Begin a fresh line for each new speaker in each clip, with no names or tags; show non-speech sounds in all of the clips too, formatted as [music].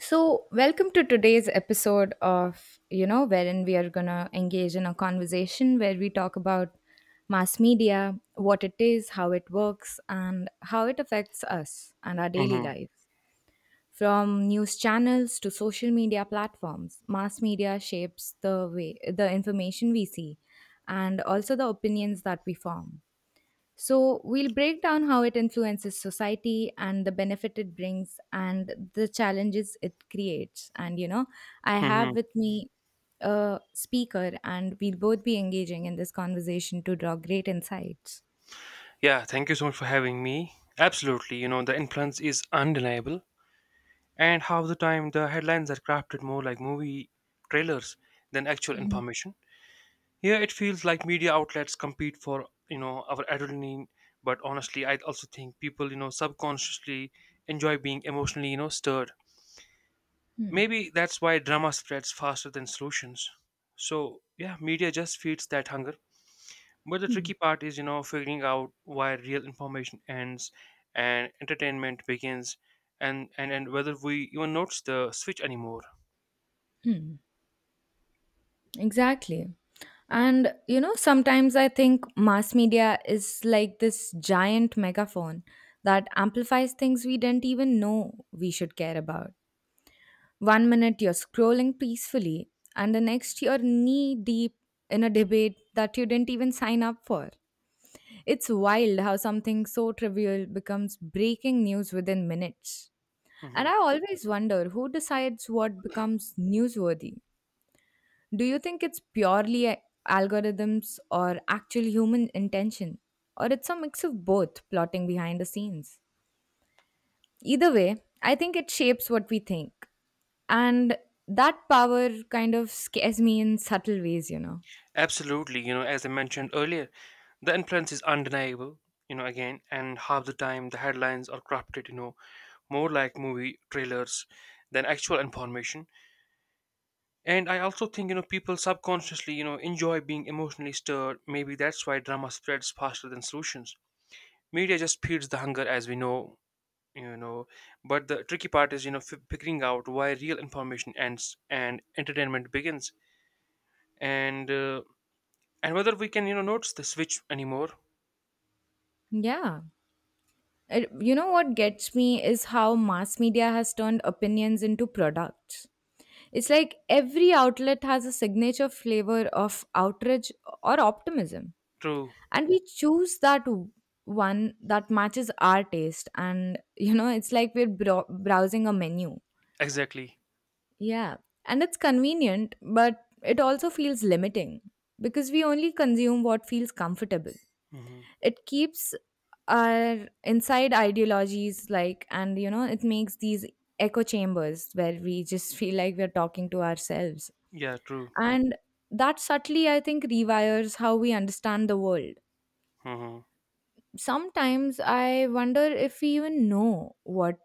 So, welcome to today's episode of wherein we are going to engage in a conversation where we talk about mass media, what it is, how it works, and how it affects us and our daily
Hmm.
lives. From news channels to social media platforms, mass media shapes the way the information we see and also the opinions that we form. So, we'll break down how it influences society and the benefit it brings and the challenges it creates. And I have
Hmm.
with me a speaker, and we'll both be engaging in this conversation to draw great insights.
Yeah, thank you so much for having me. Absolutely, the influence is undeniable, and half the time the headlines are crafted more like movie trailers than actual information. Here it feels like media outlets compete for, our adrenaline, but honestly, I also think people, subconsciously enjoy being emotionally, stirred.
Hmm,
Maybe that's why drama spreads faster than solutions. So, yeah, media just feeds that hunger. But the
hmm,
tricky part is, figuring out why real information ends and entertainment begins, and whether we even notice the switch anymore.
hmm. Exactly. And sometimes I think mass media is like this giant megaphone that amplifies things we didn't even know we should care about. One minute you're scrolling peacefully, and the next you're knee deep in a debate that you didn't even sign up for. It's wild how something so trivial becomes breaking news within minutes.
Hmm.
And I always wonder who decides what becomes newsworthy. Do you think it's purely algorithms or actual human intention? Or it's a mix of both plotting behind the scenes? Either way, I think it shapes what we think. And that power kind of scares me in subtle ways.
Absolutely, as I mentioned earlier, the influence is undeniable. Again, and half the time the headlines are crafted, more like movie trailers than actual information. And I also think, people subconsciously, enjoy being emotionally stirred. Maybe that's why drama spreads faster than solutions. Media just feeds the hunger, as we know, you know but the tricky part is, figuring out why real information ends and entertainment begins, and uh, and whether we can, notice the switch anymore.
Yeah. You know what gets me is how mass media has turned opinions into products. It's like every outlet has a signature flavor of outrage or optimism,
True.
and we choose that one that matches our taste. And it's like we're browsing a menu.
Exactly.
Yeah, and it's convenient, but it also feels limiting because we only consume what feels comfortable.
Hmm.
It keeps our inside ideologies like, and it makes these echo chambers where we just [laughs] feel like we're talking to ourselves.
Yeah, true.
And that subtly, I think, rewires how we understand the world.
Hmm.
Sometimes I wonder if we even know what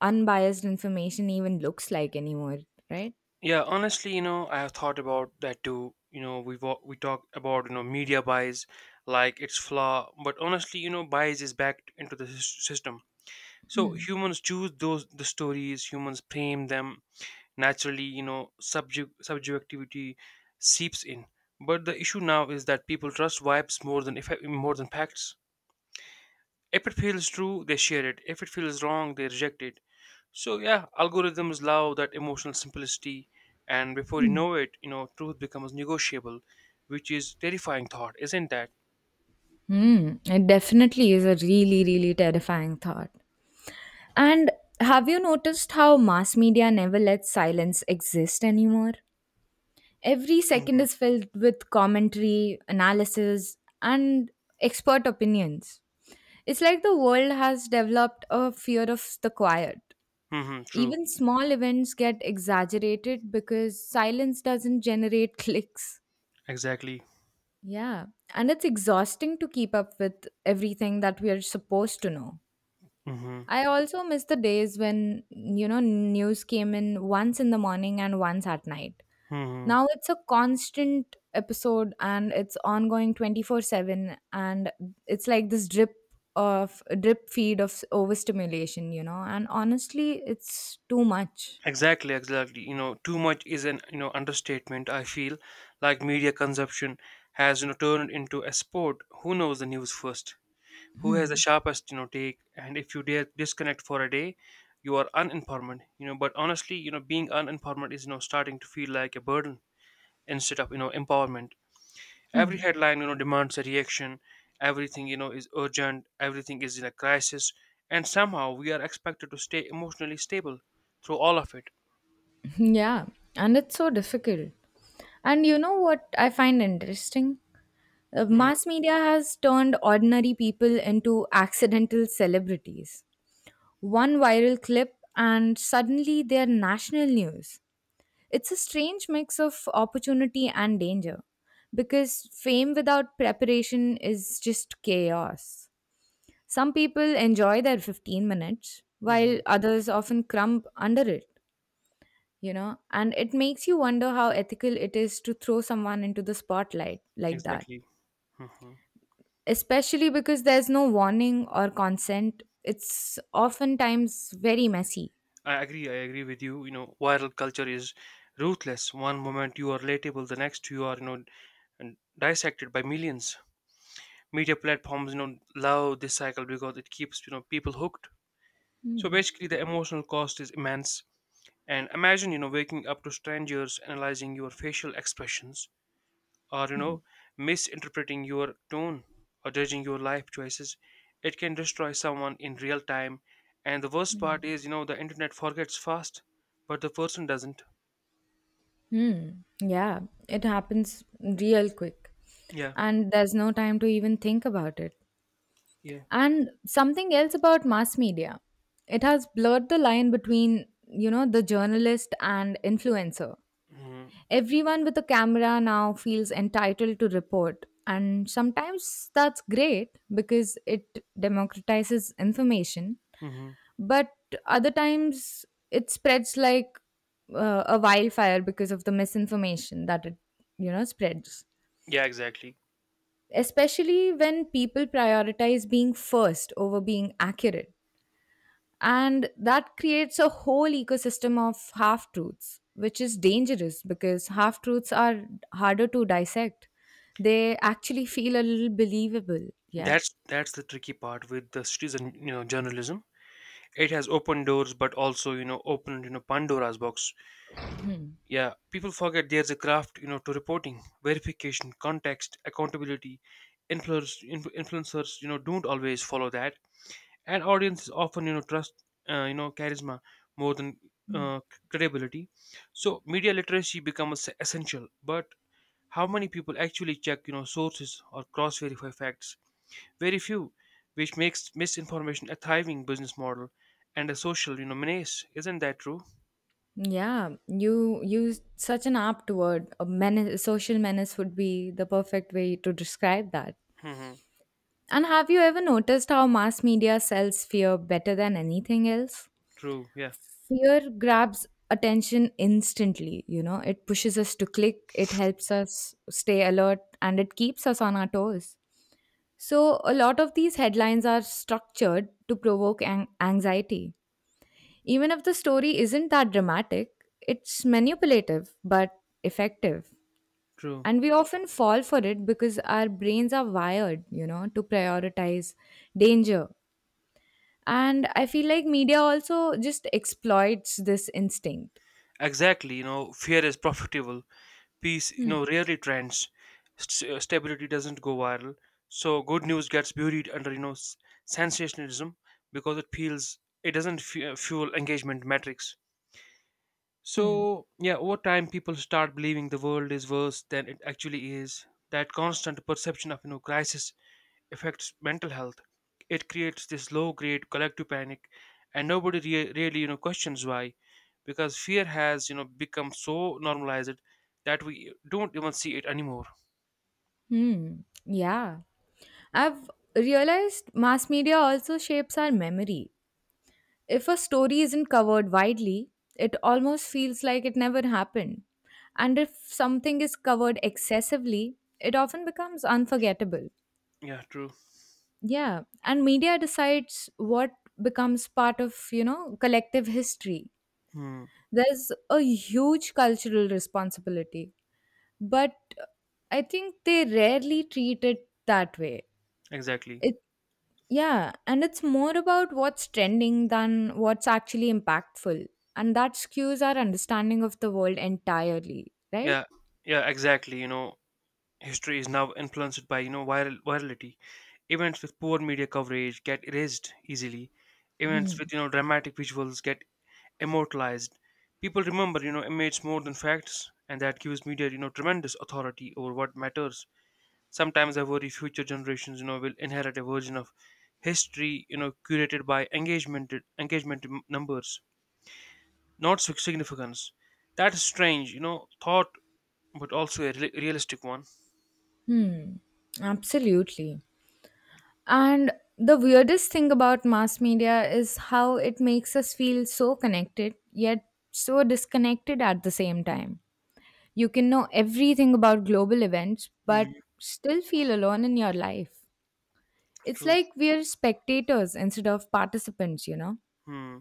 unbiased information even looks like anymore, right?
Yeah, honestly, I have thought about that too. We talk about, media bias, like its flaw. But honestly, bias is backed into the system. So
Hmm.
humans choose those the stories, humans frame them naturally. Subjectivity seeps in, but the issue now is that people trust vibes more than facts. If it feels true, they share it. If it feels wrong, they reject it. So yeah, algorithms love that emotional simplicity, and before you know it, truth becomes negotiable, which is terrifying thought, isn't that?
Hmm, it definitely is a really, really terrifying thought. And have you noticed how mass media never lets silence exist anymore? Every second
Mm-hmm.
is filled with commentary, analysis, and expert opinions. It's like the world has developed a fear of the quiet.
Mm-hmm. True.
Even small events get exaggerated because silence doesn't generate [laughs] clicks.
Exactly.
Yeah, and it's exhausting to keep up with everything that we are supposed to know.
Mm-hmm.
I also miss the days when news came in once in the morning and once at night.
Mm-hmm.
Now it's a constant episode and it's ongoing 24/7, and it's like this drip feed of overstimulation. And honestly, it's too much.
Exactly, exactly. Too much is an, understatement. I feel like media consumption has, turned into a sport. Who knows the news first? Who has the
Hmm.
sharpest, take? And if you dare disconnect for a day, you are uninformed. But honestly, being uninformed is, starting to feel like a burden instead of, empowerment. Every
Hmm.
headline, demands a reaction. Everything, is urgent. Everything is in a crisis, and somehow we are expected to stay emotionally stable through all of it.
[laughs] Yeah, and it's so difficult. And you know what I find interesting? Uh,
Mhm.
mass media has turned ordinary people into accidental celebrities. One viral clip and suddenly they're national news. It's a strange mix of opportunity and danger because fame without preparation is just chaos. Some people enjoy their 15 minutes while
Mhm.
others often crumb under it and it makes you wonder how ethical it is to throw someone into the spotlight like that,
Exactly. Hmm.
especially because there's no warning or consent. It's oftentimes very messy.
I agree. I agree with you. Viral culture is ruthless. One moment you are relatable, the next you are, and dissected by millions. Media platforms, love this cycle because it keeps, people hooked. So basically, the emotional cost is immense. And imagine, waking up to strangers analyzing your facial expressions, or, misinterpreting your tone, or judging your life choices. It can destroy someone in real time, and the worst part is, the internet forgets fast, but the person doesn't.
Hmm. Yeah, it happens real quick.
Yeah,
And there's no time to even think about it.
yeah.
And something else about mass media. It has blurred the line between the journalist and influencer.
Hmm.
Everyone with a camera now feels entitled to report. And sometimes that's great because it democratizes information,
Hmm.
but other times it spreads like a wildfire because of the misinformation that it spreads,
Yeah, exactly.
especially when people prioritize being first over being accurate. And that creates a whole ecosystem of half truths, which is dangerous because half truths are harder to dissect. They actually feel a little believable. Yeah.
That's the tricky part with the citizen, journalism. It has opened doors, but also, opened, Pandora's box. Yeah, people forget there's a craft, to reporting, verification, context, accountability. Influencers, don't always follow that, and audiences often, trust, charisma, more than, uh, credibility. So media literacy becomes essential, but how many people actually check, sources or cross verify facts? Very few, which makes misinformation a thriving business model and a social, menace. Isn't that true?
Yeah, you used such an apt word. A menace, social menace would be the perfect way to describe that.
Hmm.
And have you ever noticed how mass media sells fear better than anything else?
True. Yeah,
Fear grabs attention instantly it pushes us to click, it helps us stay alert, and it keeps us on our toes. So, a lot of these headlines are structured to provoke anxiety. Even if the story isn't that dramatic, it's manipulative but effective.
true.
And we often fall for it because our brains are wired to prioritize danger. And I feel like media also just exploits this instinct.
Exactly, fear is profitable. Peace,
Hmm.
rarely trends. Stability doesn't go viral. So good news gets buried under, sensationalism, because it doesn't fuel engagement metrics. So yeah, over time, people start believing the world is worse than it actually is. That constant perception of, crisis, affects mental health. It creates this low grade collective panic, and nobody really, questions why, because fear has, become so normalized that we don't even see it anymore.
Hmm. Yeah. I've realized mass media also shapes our memory. If a story isn't covered widely, it almost feels like it never happened. And if something is covered excessively, it often becomes unforgettable.
Yeah, true.
Yeah, and media decides what becomes part of collective history.
Hmm.
There's a huge cultural responsibility, but I think they rarely treat it that way.
Exactly.
It Yeah, and it's more about what's trending than what's actually impactful. And that skews our understanding of the world entirely, right?
Yeah. Yeah. Exactly. History is now influenced by, virality. Events with poor media coverage get erased easily. Events
Hmm.
with, dramatic visuals get immortalized. People remember, images more than facts, and that gives media, tremendous authority over what matters. Sometimes I worry future generations, will inherit a version of history, curated by engagement, numbers, not significance. That is strange, thought, but also a realistic one.
Hmm. Absolutely. And the weirdest thing about mass media is how it makes us feel so connected, yet so disconnected at the same time. You can know everything about global events, but
Mm,
still feel alone in your life. It's
true.
like we're spectators instead of participants, you know?
Hmm,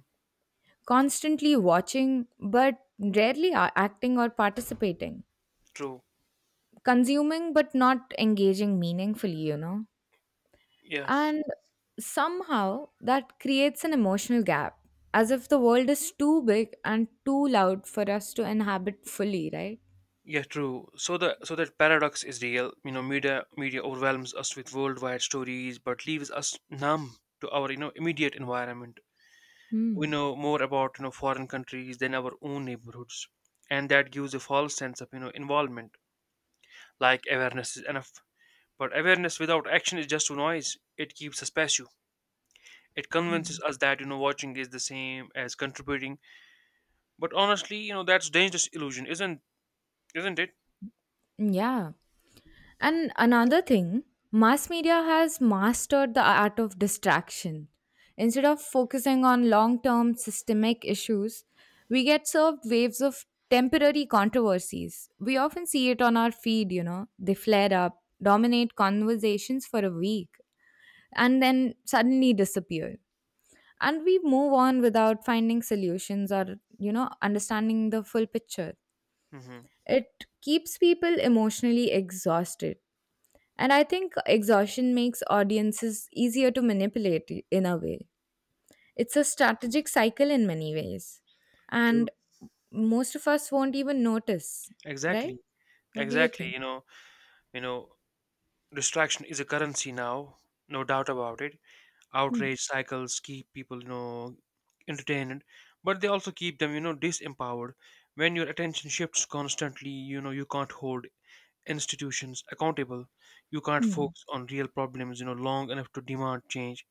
Constantly watching but rarely acting or participating,
true.
consuming but not engaging meaningfully.
Yeah.
And somehow that creates an emotional gap, as if the world is too big and too loud for us to inhabit fully, right?
Yeah, true. So that paradox is real. Media overwhelms us with worldwide stories, but leaves us numb to our, immediate environment. We
Hmm.
know more about, foreign countries than our own neighborhoods, and that gives a false sense of, involvement. Like awareness is enough, but awareness without action is just noise. It keeps us passive. It convinces us that, watching is the same as contributing, but honestly, that's dangerous illusion, isn't it?
Yeah. And another thing, mass media has mastered the art of distraction. Instead of focusing on long term systemic issues, we get served waves of temporary controversies. We often see it on our feed they flare up, dominate conversations for a week, and then suddenly disappear. And we move on without finding solutions or understanding the full picture.
Hmm.
It keeps people emotionally exhausted, and I think exhaustion makes audiences easier to manipulate in a way. It's a strategic cycle in many ways.
True.
And most of us won't even notice, right?
Exactly.
What do you
Exactly.
think?
You know, Distraction is a currency now, no doubt about it.
Hmm.
Outrage cycles keep people, entertained, but they also keep them, disempowered. When your attention shifts constantly, you can't hold institutions accountable. You can't
Hmm.
focus on real problems, long enough to demand change.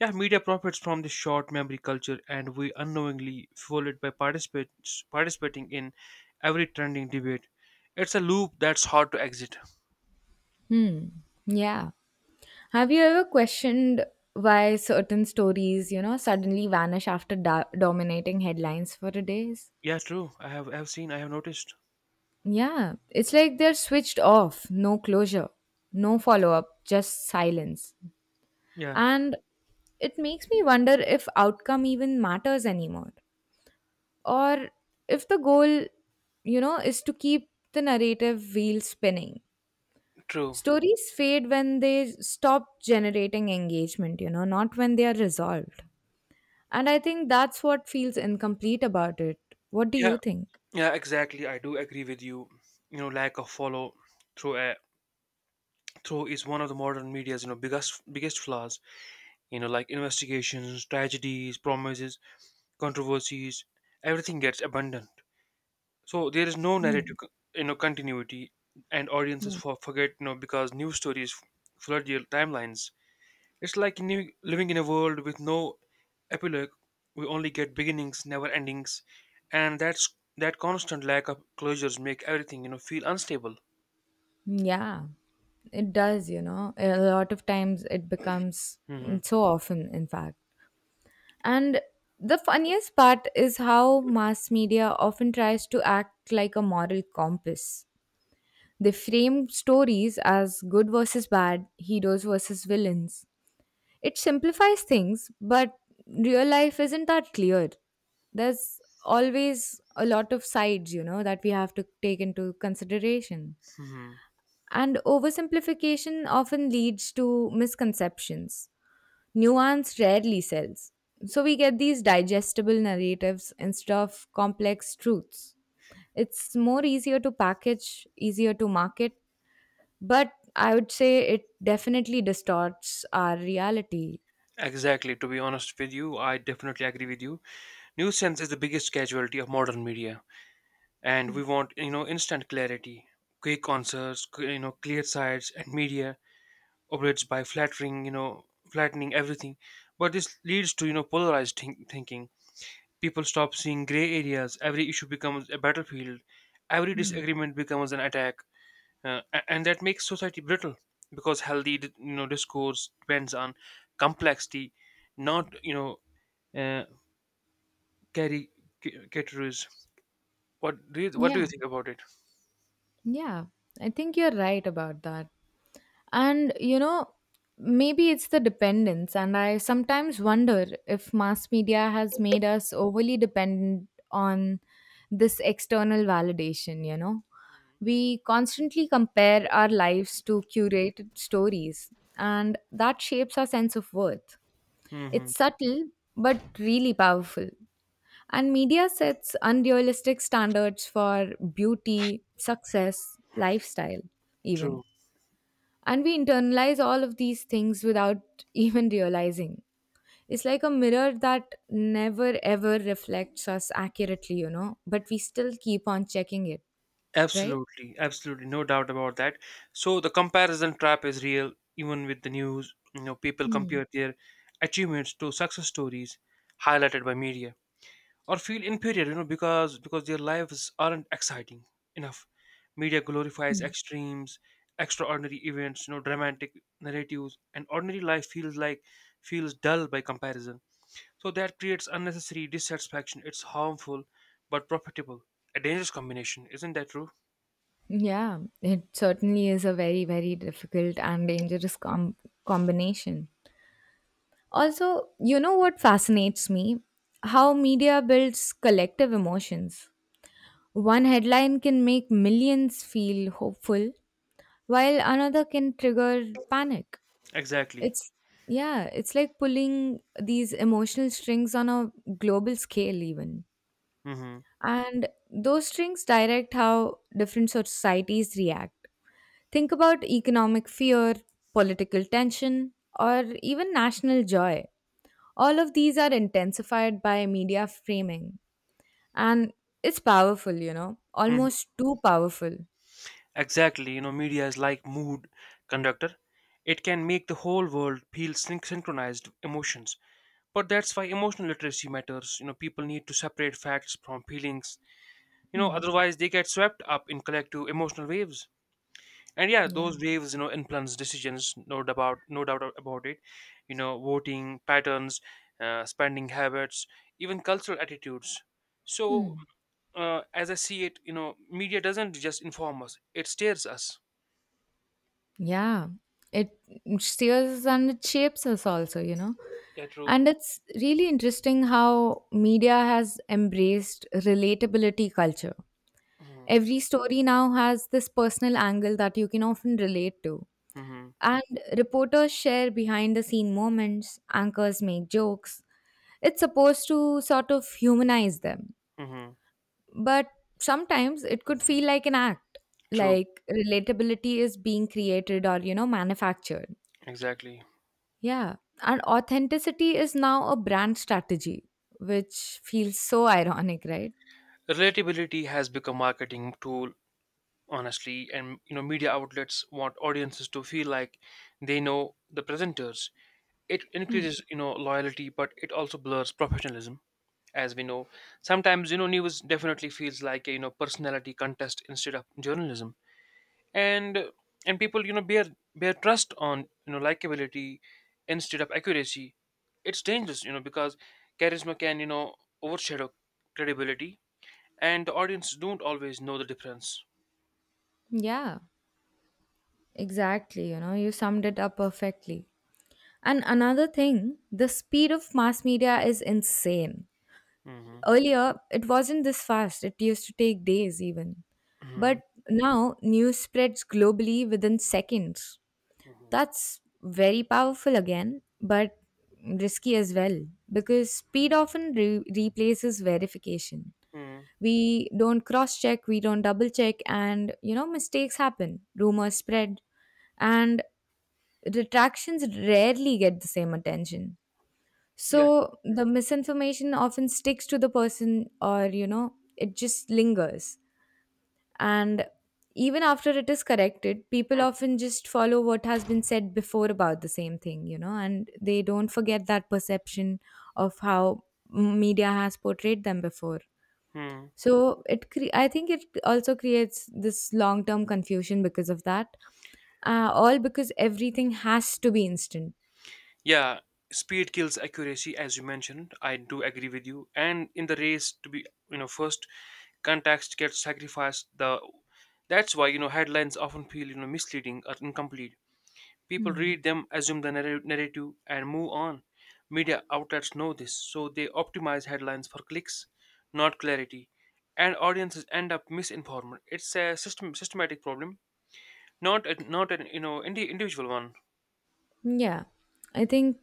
Yeah, media profits from this short memory culture, and we unknowingly fuel it by participating in every trending debate. It's a loop that's hard to exit.
Yeah. Have you ever questioned why certain stories suddenly vanish after dominating headlines for a days?
Yeah, true. I've seen, I have noticed.
Yeah. It's like they're switched off, no closure, no follow up, just silence.
Yeah.
And it makes me wonder if outcome even matters anymore, or if the goal is to keep the narrative wheel spinning.
True.
Stories fade when they stop generating engagement not when they are resolved. And I think that's what feels incomplete about it. What do
Yeah.
you think?
Yeah. Exactly. I do agree with you. Lack of follow through uh, through is one of the modern media's, biggest flaws. Like investigations, tragedies, promises, controversies. Everything gets abundant. So there is no
Hmm,
narrative, continuity, and audiences
yeah.
forget, because news stories flood your timelines. It's like, living in a world with no epilogue. We only get beginnings, never endings, and that constant lack of closures make everything, feel unstable.
Yeah, it does. A lot of times it becomes
Hmm.
so often, in fact. And the funniest part is how mass media often tries to act like a moral compass. They frame stories as good versus bad, heroes versus villains. It simplifies things, but real life isn't that clear. There's always a lot of sides that we have to take into consideration.
Hmm.
And oversimplification often leads to misconceptions. Nuance rarely sells. So we get these digestible narratives instead of complex truths. It's more easier to package, easier to market, but I would say it definitely distorts our reality.
Exactly. To be honest with you, I definitely agree with you. Nuisance is the biggest casualty of modern media, and we want, instant clarity, quick answers, clear sides, and media operates by flattering you know flattening everything. But this leads to, polarized thinking. People stop seeing gray areas. Every issue becomes a battlefield. Every
Hmm.
disagreement becomes an attack, and that makes society brittle, because healthy, discourse depends on complexity, not, uh, caricatures. What do you
Yeah.
think about it?
Yeah, I think you're right about that. And maybe it's the dependence. And I sometimes wonder if mass media has made us overly dependent on this external validation, you know? We constantly compare our lives to curated stories, and that shapes our sense of worth.
Hmm.
It's subtle, but really powerful. And media sets unrealistic standards for beauty, success, lifestyle, even.
True.
And we internalize all of these things without [laughs] even realizing. It's like a mirror that never ever reflects us accurately, but we still keep on checking it, right?
Absolutely. Absolutely. No doubt about that. So the comparison trap is real, even with the news. People
Hmm.
compare their achievements to success stories highlighted by media, or feel inferior, because their lives aren't exciting enough. Media glorifies
Hmm.
extremes, extraordinary events, dramatic narratives, and ordinary life feels dull by comparison. So that creates unnecessary dissatisfaction. It's harmful but profitable, a dangerous combination. Isn't that true?
Yeah, it certainly is a very, very difficult and dangerous combination. Also, you know what fascinates me? How media builds collective emotions. One headline can make millions feel hopeful, while another can trigger panic.
Exactly.
It's, yeah, it's like pulling these emotional strings on a global scale, even.
Hmm.
And those strings direct how different societies react. Think about economic fear, political tension, or even national joy. All of these are intensified by media framing, and it's powerful
Hmm.
almost too powerful.
Exactly. Media is like mood conductor. It can make the whole world feel synchronized emotions, but that's why emotional literacy matters. People need to separate facts from feelings.
Hmm.
Otherwise, they get swept up in collective emotional waves. And yeah,
Yeah.
those waves, influence decisions, no doubt about it. Voting patterns, spending habits, even cultural attitudes. So,
Hmm.
as I see it, media doesn't just inform us, it steers us.
Yeah, it steers and it shapes us also.
Yeah, true.
And it's really interesting how media has embraced relatability culture.
Hmm.
Every story now has this personal angle that you can often relate to.
Hmm.
And reporters share behind the scene moments, anchors make jokes. It's supposed to sort of humanize them.
Hmm.
But sometimes it could feel like an act,
True.
like relatability is being created or manufactured.
Exactly.
Yeah. And authenticity is now a brand strategy, which feels so ironic, right?
Relatability has become marketing tool, honestly. And, media outlets want audiences to feel like they know the presenters. It
Hmm.
increases, loyalty, but it also blurs professionalism, as we know. Sometimes, news definitely feels like a, personality contest instead of journalism. And and people, bear trust on, likability instead of accuracy. It's dangerous, because charisma can, overshadow credibility, and the audience don't always know the difference.
Yeah, exactly. You summed it up perfectly. And another thing, the speed of mass media is insane.
Hmm.
Earlier, it wasn't this fast, it used to take days even.
Hmm.
But now, news spreads globally within seconds. That's very powerful again, but risky as well, because speed often replaces verification.
Hmm.
We don't cross check, we don't double check, and mistakes happen, rumors spread, and retractions rarely get the same attention.
Yeah.
So the misinformation often sticks to the person, or it just lingers. And even after it is corrected, people
Hmm.
often just follow what has been said before about the same thing, and they don't forget that perception of how media has portrayed them before.
Hmm.
So I think it also creates this long-term confusion because of that, all because everything has to be instant.
Yeah. Speed kills accuracy, as you mentioned. I do agree with you. And in the race, to be, first, context gets sacrificed. The That's why, headlines often feel, misleading or incomplete. People
Hmm.
read them, assume the narrative, and move on. Media outlets know this, so they optimize headlines for clicks, not clarity, and audiences end up misinformed. It's a systematic problem, not an, individual one.
Yeah, I think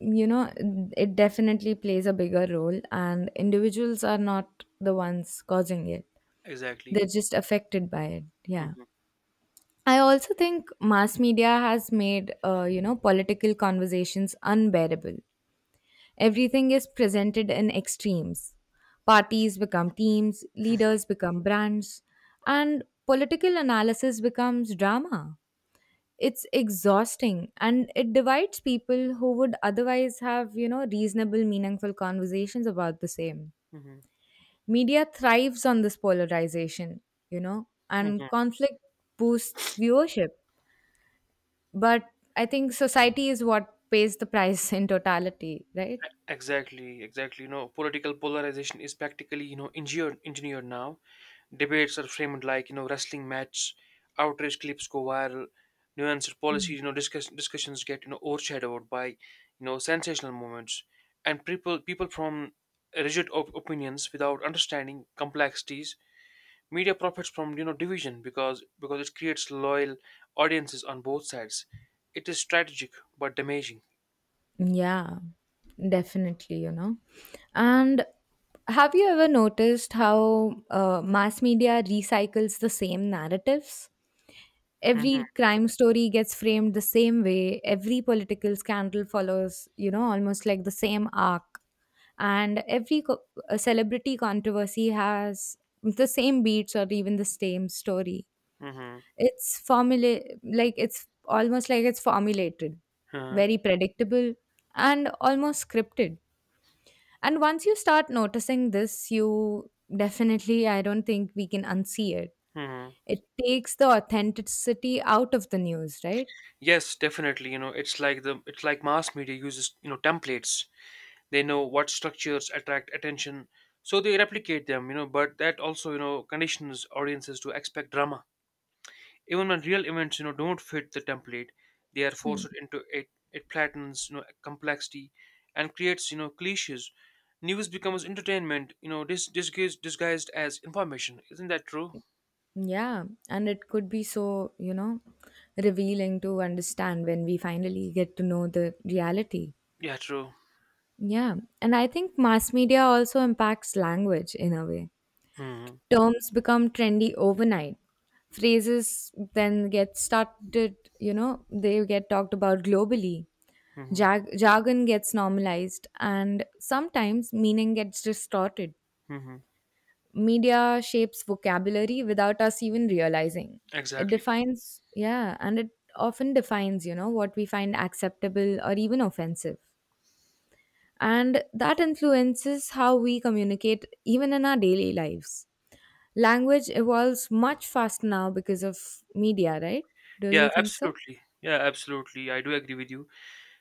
you know it definitely plays a bigger role, and individuals are not the ones causing it,
Exactly.
they're just affected by it. Yeah,
Mhm,
I also think mass media has made political conversations unbearable. Everything is presented in extremes. Parties become teams,
mhm,
leaders become brands, and political analysis becomes drama. It's exhausting and it divides people who would otherwise have, reasonable, meaningful conversations about the same.
mhm,
Media thrives on this polarization, and
mhm.
conflict boosts viewership. But I think society is what pays the price [laughs] in totality, right?
Exactly, exactly. You know, political polarization is practically, you know, engineered now. Debates are framed like, you know, wrestling match. Outrage clips go viral. Nuanced policies, you know, discussions get, you know, overshadowed by, you know, sensational moments. And people from rigid opinions without understanding complexities. Media profits from, you know, division because it creates loyal audiences on both sides. It is strategic but damaging.
Yeah, definitely, And have you ever noticed how mass media recycles the same narratives? Every crime story gets framed the same way, every political scandal follows, almost like the same arc, and every celebrity controversy has the same beats or even the same story.
Mm-hmm.
It's formula, like it's almost like it's formulated,
Mm-hmm.
very predictable and almost scripted. And once you start noticing this, you definitely, I don't think we can unsee it.
Mm-hmm.
It takes the authenticity out of the news, right?
Yes, definitely. You know, it's like mass media uses, you know, templates. They know what structures attract attention, so they replicate them, you know, but that also, you know, conditions audiences to expect drama. Even when real events, you know, don't fit the template, they are
Hmm.
forced into it. It flattens, you know, complexity and creates, you know, cliches. News becomes entertainment, you know, disguised as information. Isn't that true?
Yeah, and it could be so, revealing to understand when we finally get to know the reality.
Yeah, true.
Yeah, and I think mass media also impacts language in a way.
Mm-hmm.
Terms become trendy overnight. Phrases then get started, they get talked about globally.
Mm-hmm.
Jargon gets normalized, and sometimes meaning gets distorted.
Mm-hmm.
Media shapes vocabulary without us even realizing. It
Exactly.
defines, yeah, and it often defines, what we find acceptable or even offensive. And that influences how we communicate even in our daily lives. Language evolves much faster now because of media, right? Do you
Yeah,
think so?
absolutely. Yeah, absolutely. I do agree with you.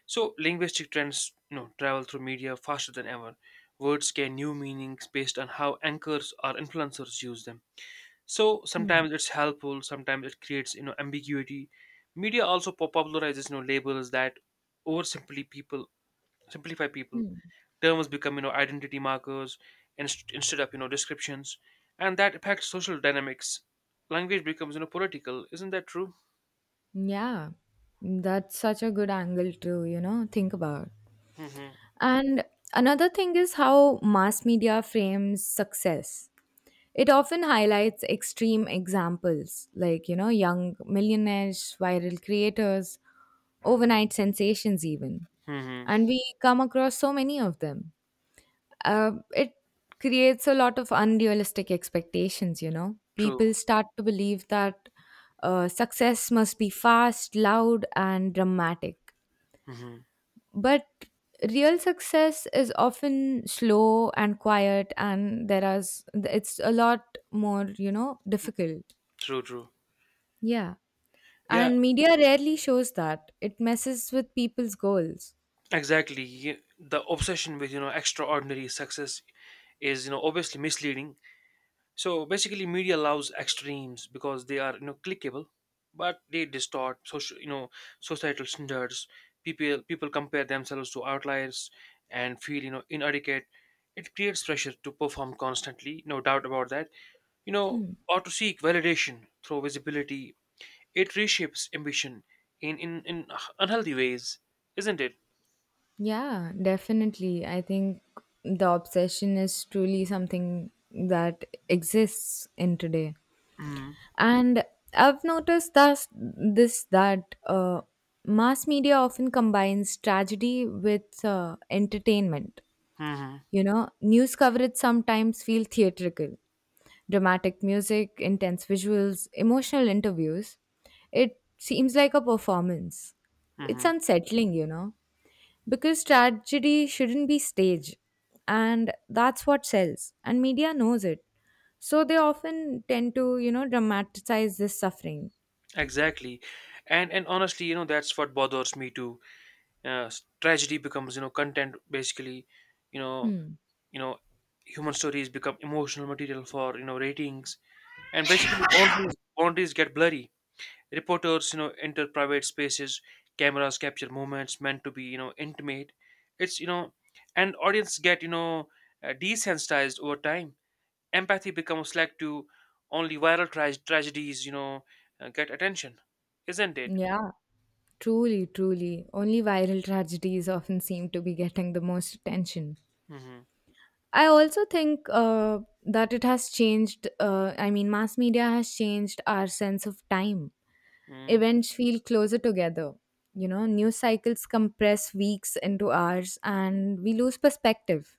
So linguistic trends, you know, travel through media faster than ever. Words gain new meanings based on how anchors or influencers use them. So
Hmm.
sometimes it's helpful, sometimes it creates, you know, ambiguity. Media also popularizes, you know, labels that oversimply people simplify people. Terms become, you know, identity markers instead of, you know, descriptions, and that affects social dynamics. Language becomes, you know, political. Isn't that true?
Yeah, that's such a good angle to, think about.
Hmm.
And another thing is how mass media frames success. It often highlights extreme examples, like, young millionaires, viral creators, overnight sensations, even.
Hmm.
And we come across so many of them. It creates a lot of unrealistic expectations,
True.
People start to believe that success must be fast, loud, and dramatic.
Hmm.
But real success is often slow and quiet, and it's a lot more, difficult.
True, true.
Yeah.
Yeah,
And media rarely shows that. It messes with people's goals.
exactly. Y- The obsession with, you know, extraordinary success is, you know, obviously misleading. So basically media allows extremes because they are, you know, clickable, but they distort social, you know, societal standards. People compare themselves to outliers and feel, you know, inadequate. It creates pressure to perform constantly, no doubt about that. You know, or to seek validation through visibility. It reshapes ambition in unhealthy ways, isn't it?
Yeah, definitely. I think the obsession is truly something that exists in today.
Mm.
And I've noticed thus this that mass media often combines tragedy with entertainment.
Hmm.
You know, news coverage sometimes feel theatrical. Dramatic music, intense visuals, emotional interviews. It seems like a performance. It's
Hmm.
unsettling, because tragedy shouldn't be staged. And that's what sells, and media knows it. So they often tend to, dramatize this suffering.
Exactly. And honestly, you know, that's what bothers me too. Tragedy becomes, you know, content basically, you know,
Hmm.
you know, human stories become emotional material for, you know, ratings. And basically boundaries get blurry. Reporters, you know, enter private spaces, cameras capture moments meant to be, you know, intimate. It's, you know, and audience get, you know, desensitized over time. Empathy becomes like to only viral tragedies, you know, get attention, isn't it?
Yeah, truly, truly. Only viral tragedies often seem to be getting the most attention.
Hmm.
I also think that it has changed. I mean, mass media has changed our sense of time.
Mm-hmm.
Events feel closer together. You know, news cycles compress weeks into hours and we lose perspective.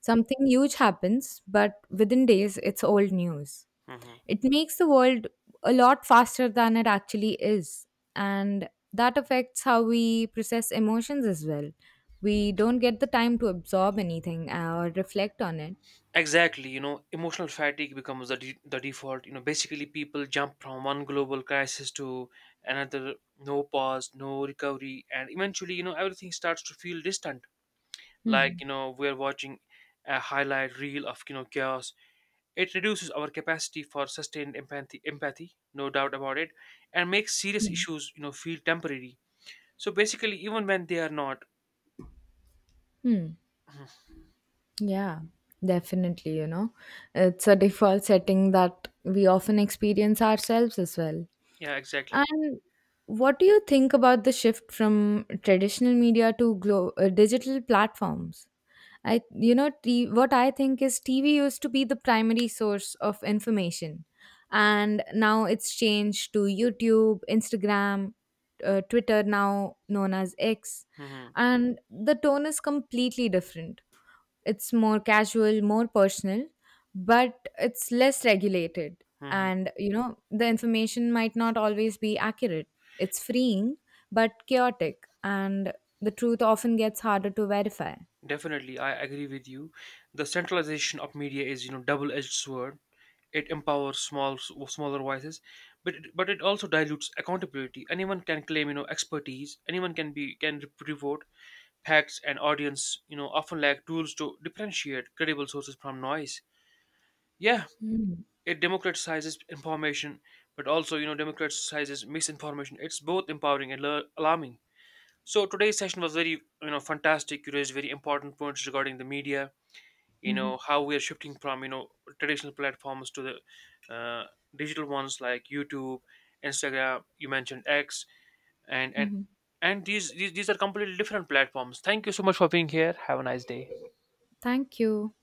Something huge happens, but within days, it's old news.
Hmm.
It makes the world a lot faster than it actually is. And that affects how we process emotions as well. We don't get the time to absorb anything or reflect on it.
Exactly. You know, emotional fatigue becomes the, the default. You know, basically, people jump from one global crisis to another, no pause, no recovery, and eventually, you know, everything starts to feel distant. Like
Hmm.
you know, we are watching a highlight reel of you know chaos. It reduces our capacity for sustained empathy, no doubt about it, and makes serious issues, you know, feel temporary. So basically, even when they are not,
Hmm.
[clears throat]
Yeah, definitely. You know, it's a default setting that we often experience ourselves as well.
yeah, exactly.
And what do you think about the shift from traditional media to digital platforms? I, you know, t- What I think is TV used to be the primary source of information, and now it's changed to YouTube, Instagram, Twitter, now known as X,
Hmm.
and the tone is completely different. It's more casual, more personal, but it's less regulated.
Hmm.
And, the information might not always be accurate. It's freeing, but chaotic. And the truth often gets harder to verify.
Definitely, I agree with you. The centralization of media is, you know, double-edged sword. It empowers smaller voices, but it also dilutes accountability. Anyone can claim, you know, expertise. Anyone can be can report facts, and audience, you know, often lack tools to differentiate credible sources from noise. Yeah, it democratizes information but also you know democratizes misinformation. It's both empowering and alarming. So today's session was very you know fantastic. You raised very important points regarding the media, you know, how we are shifting from you know traditional platforms to the uh, digital ones like YouTube, Instagram, you mentioned X, and and
Mhm.
and these these are completely different platforms. Thank you so much for being here. Have a nice day.
Thank you.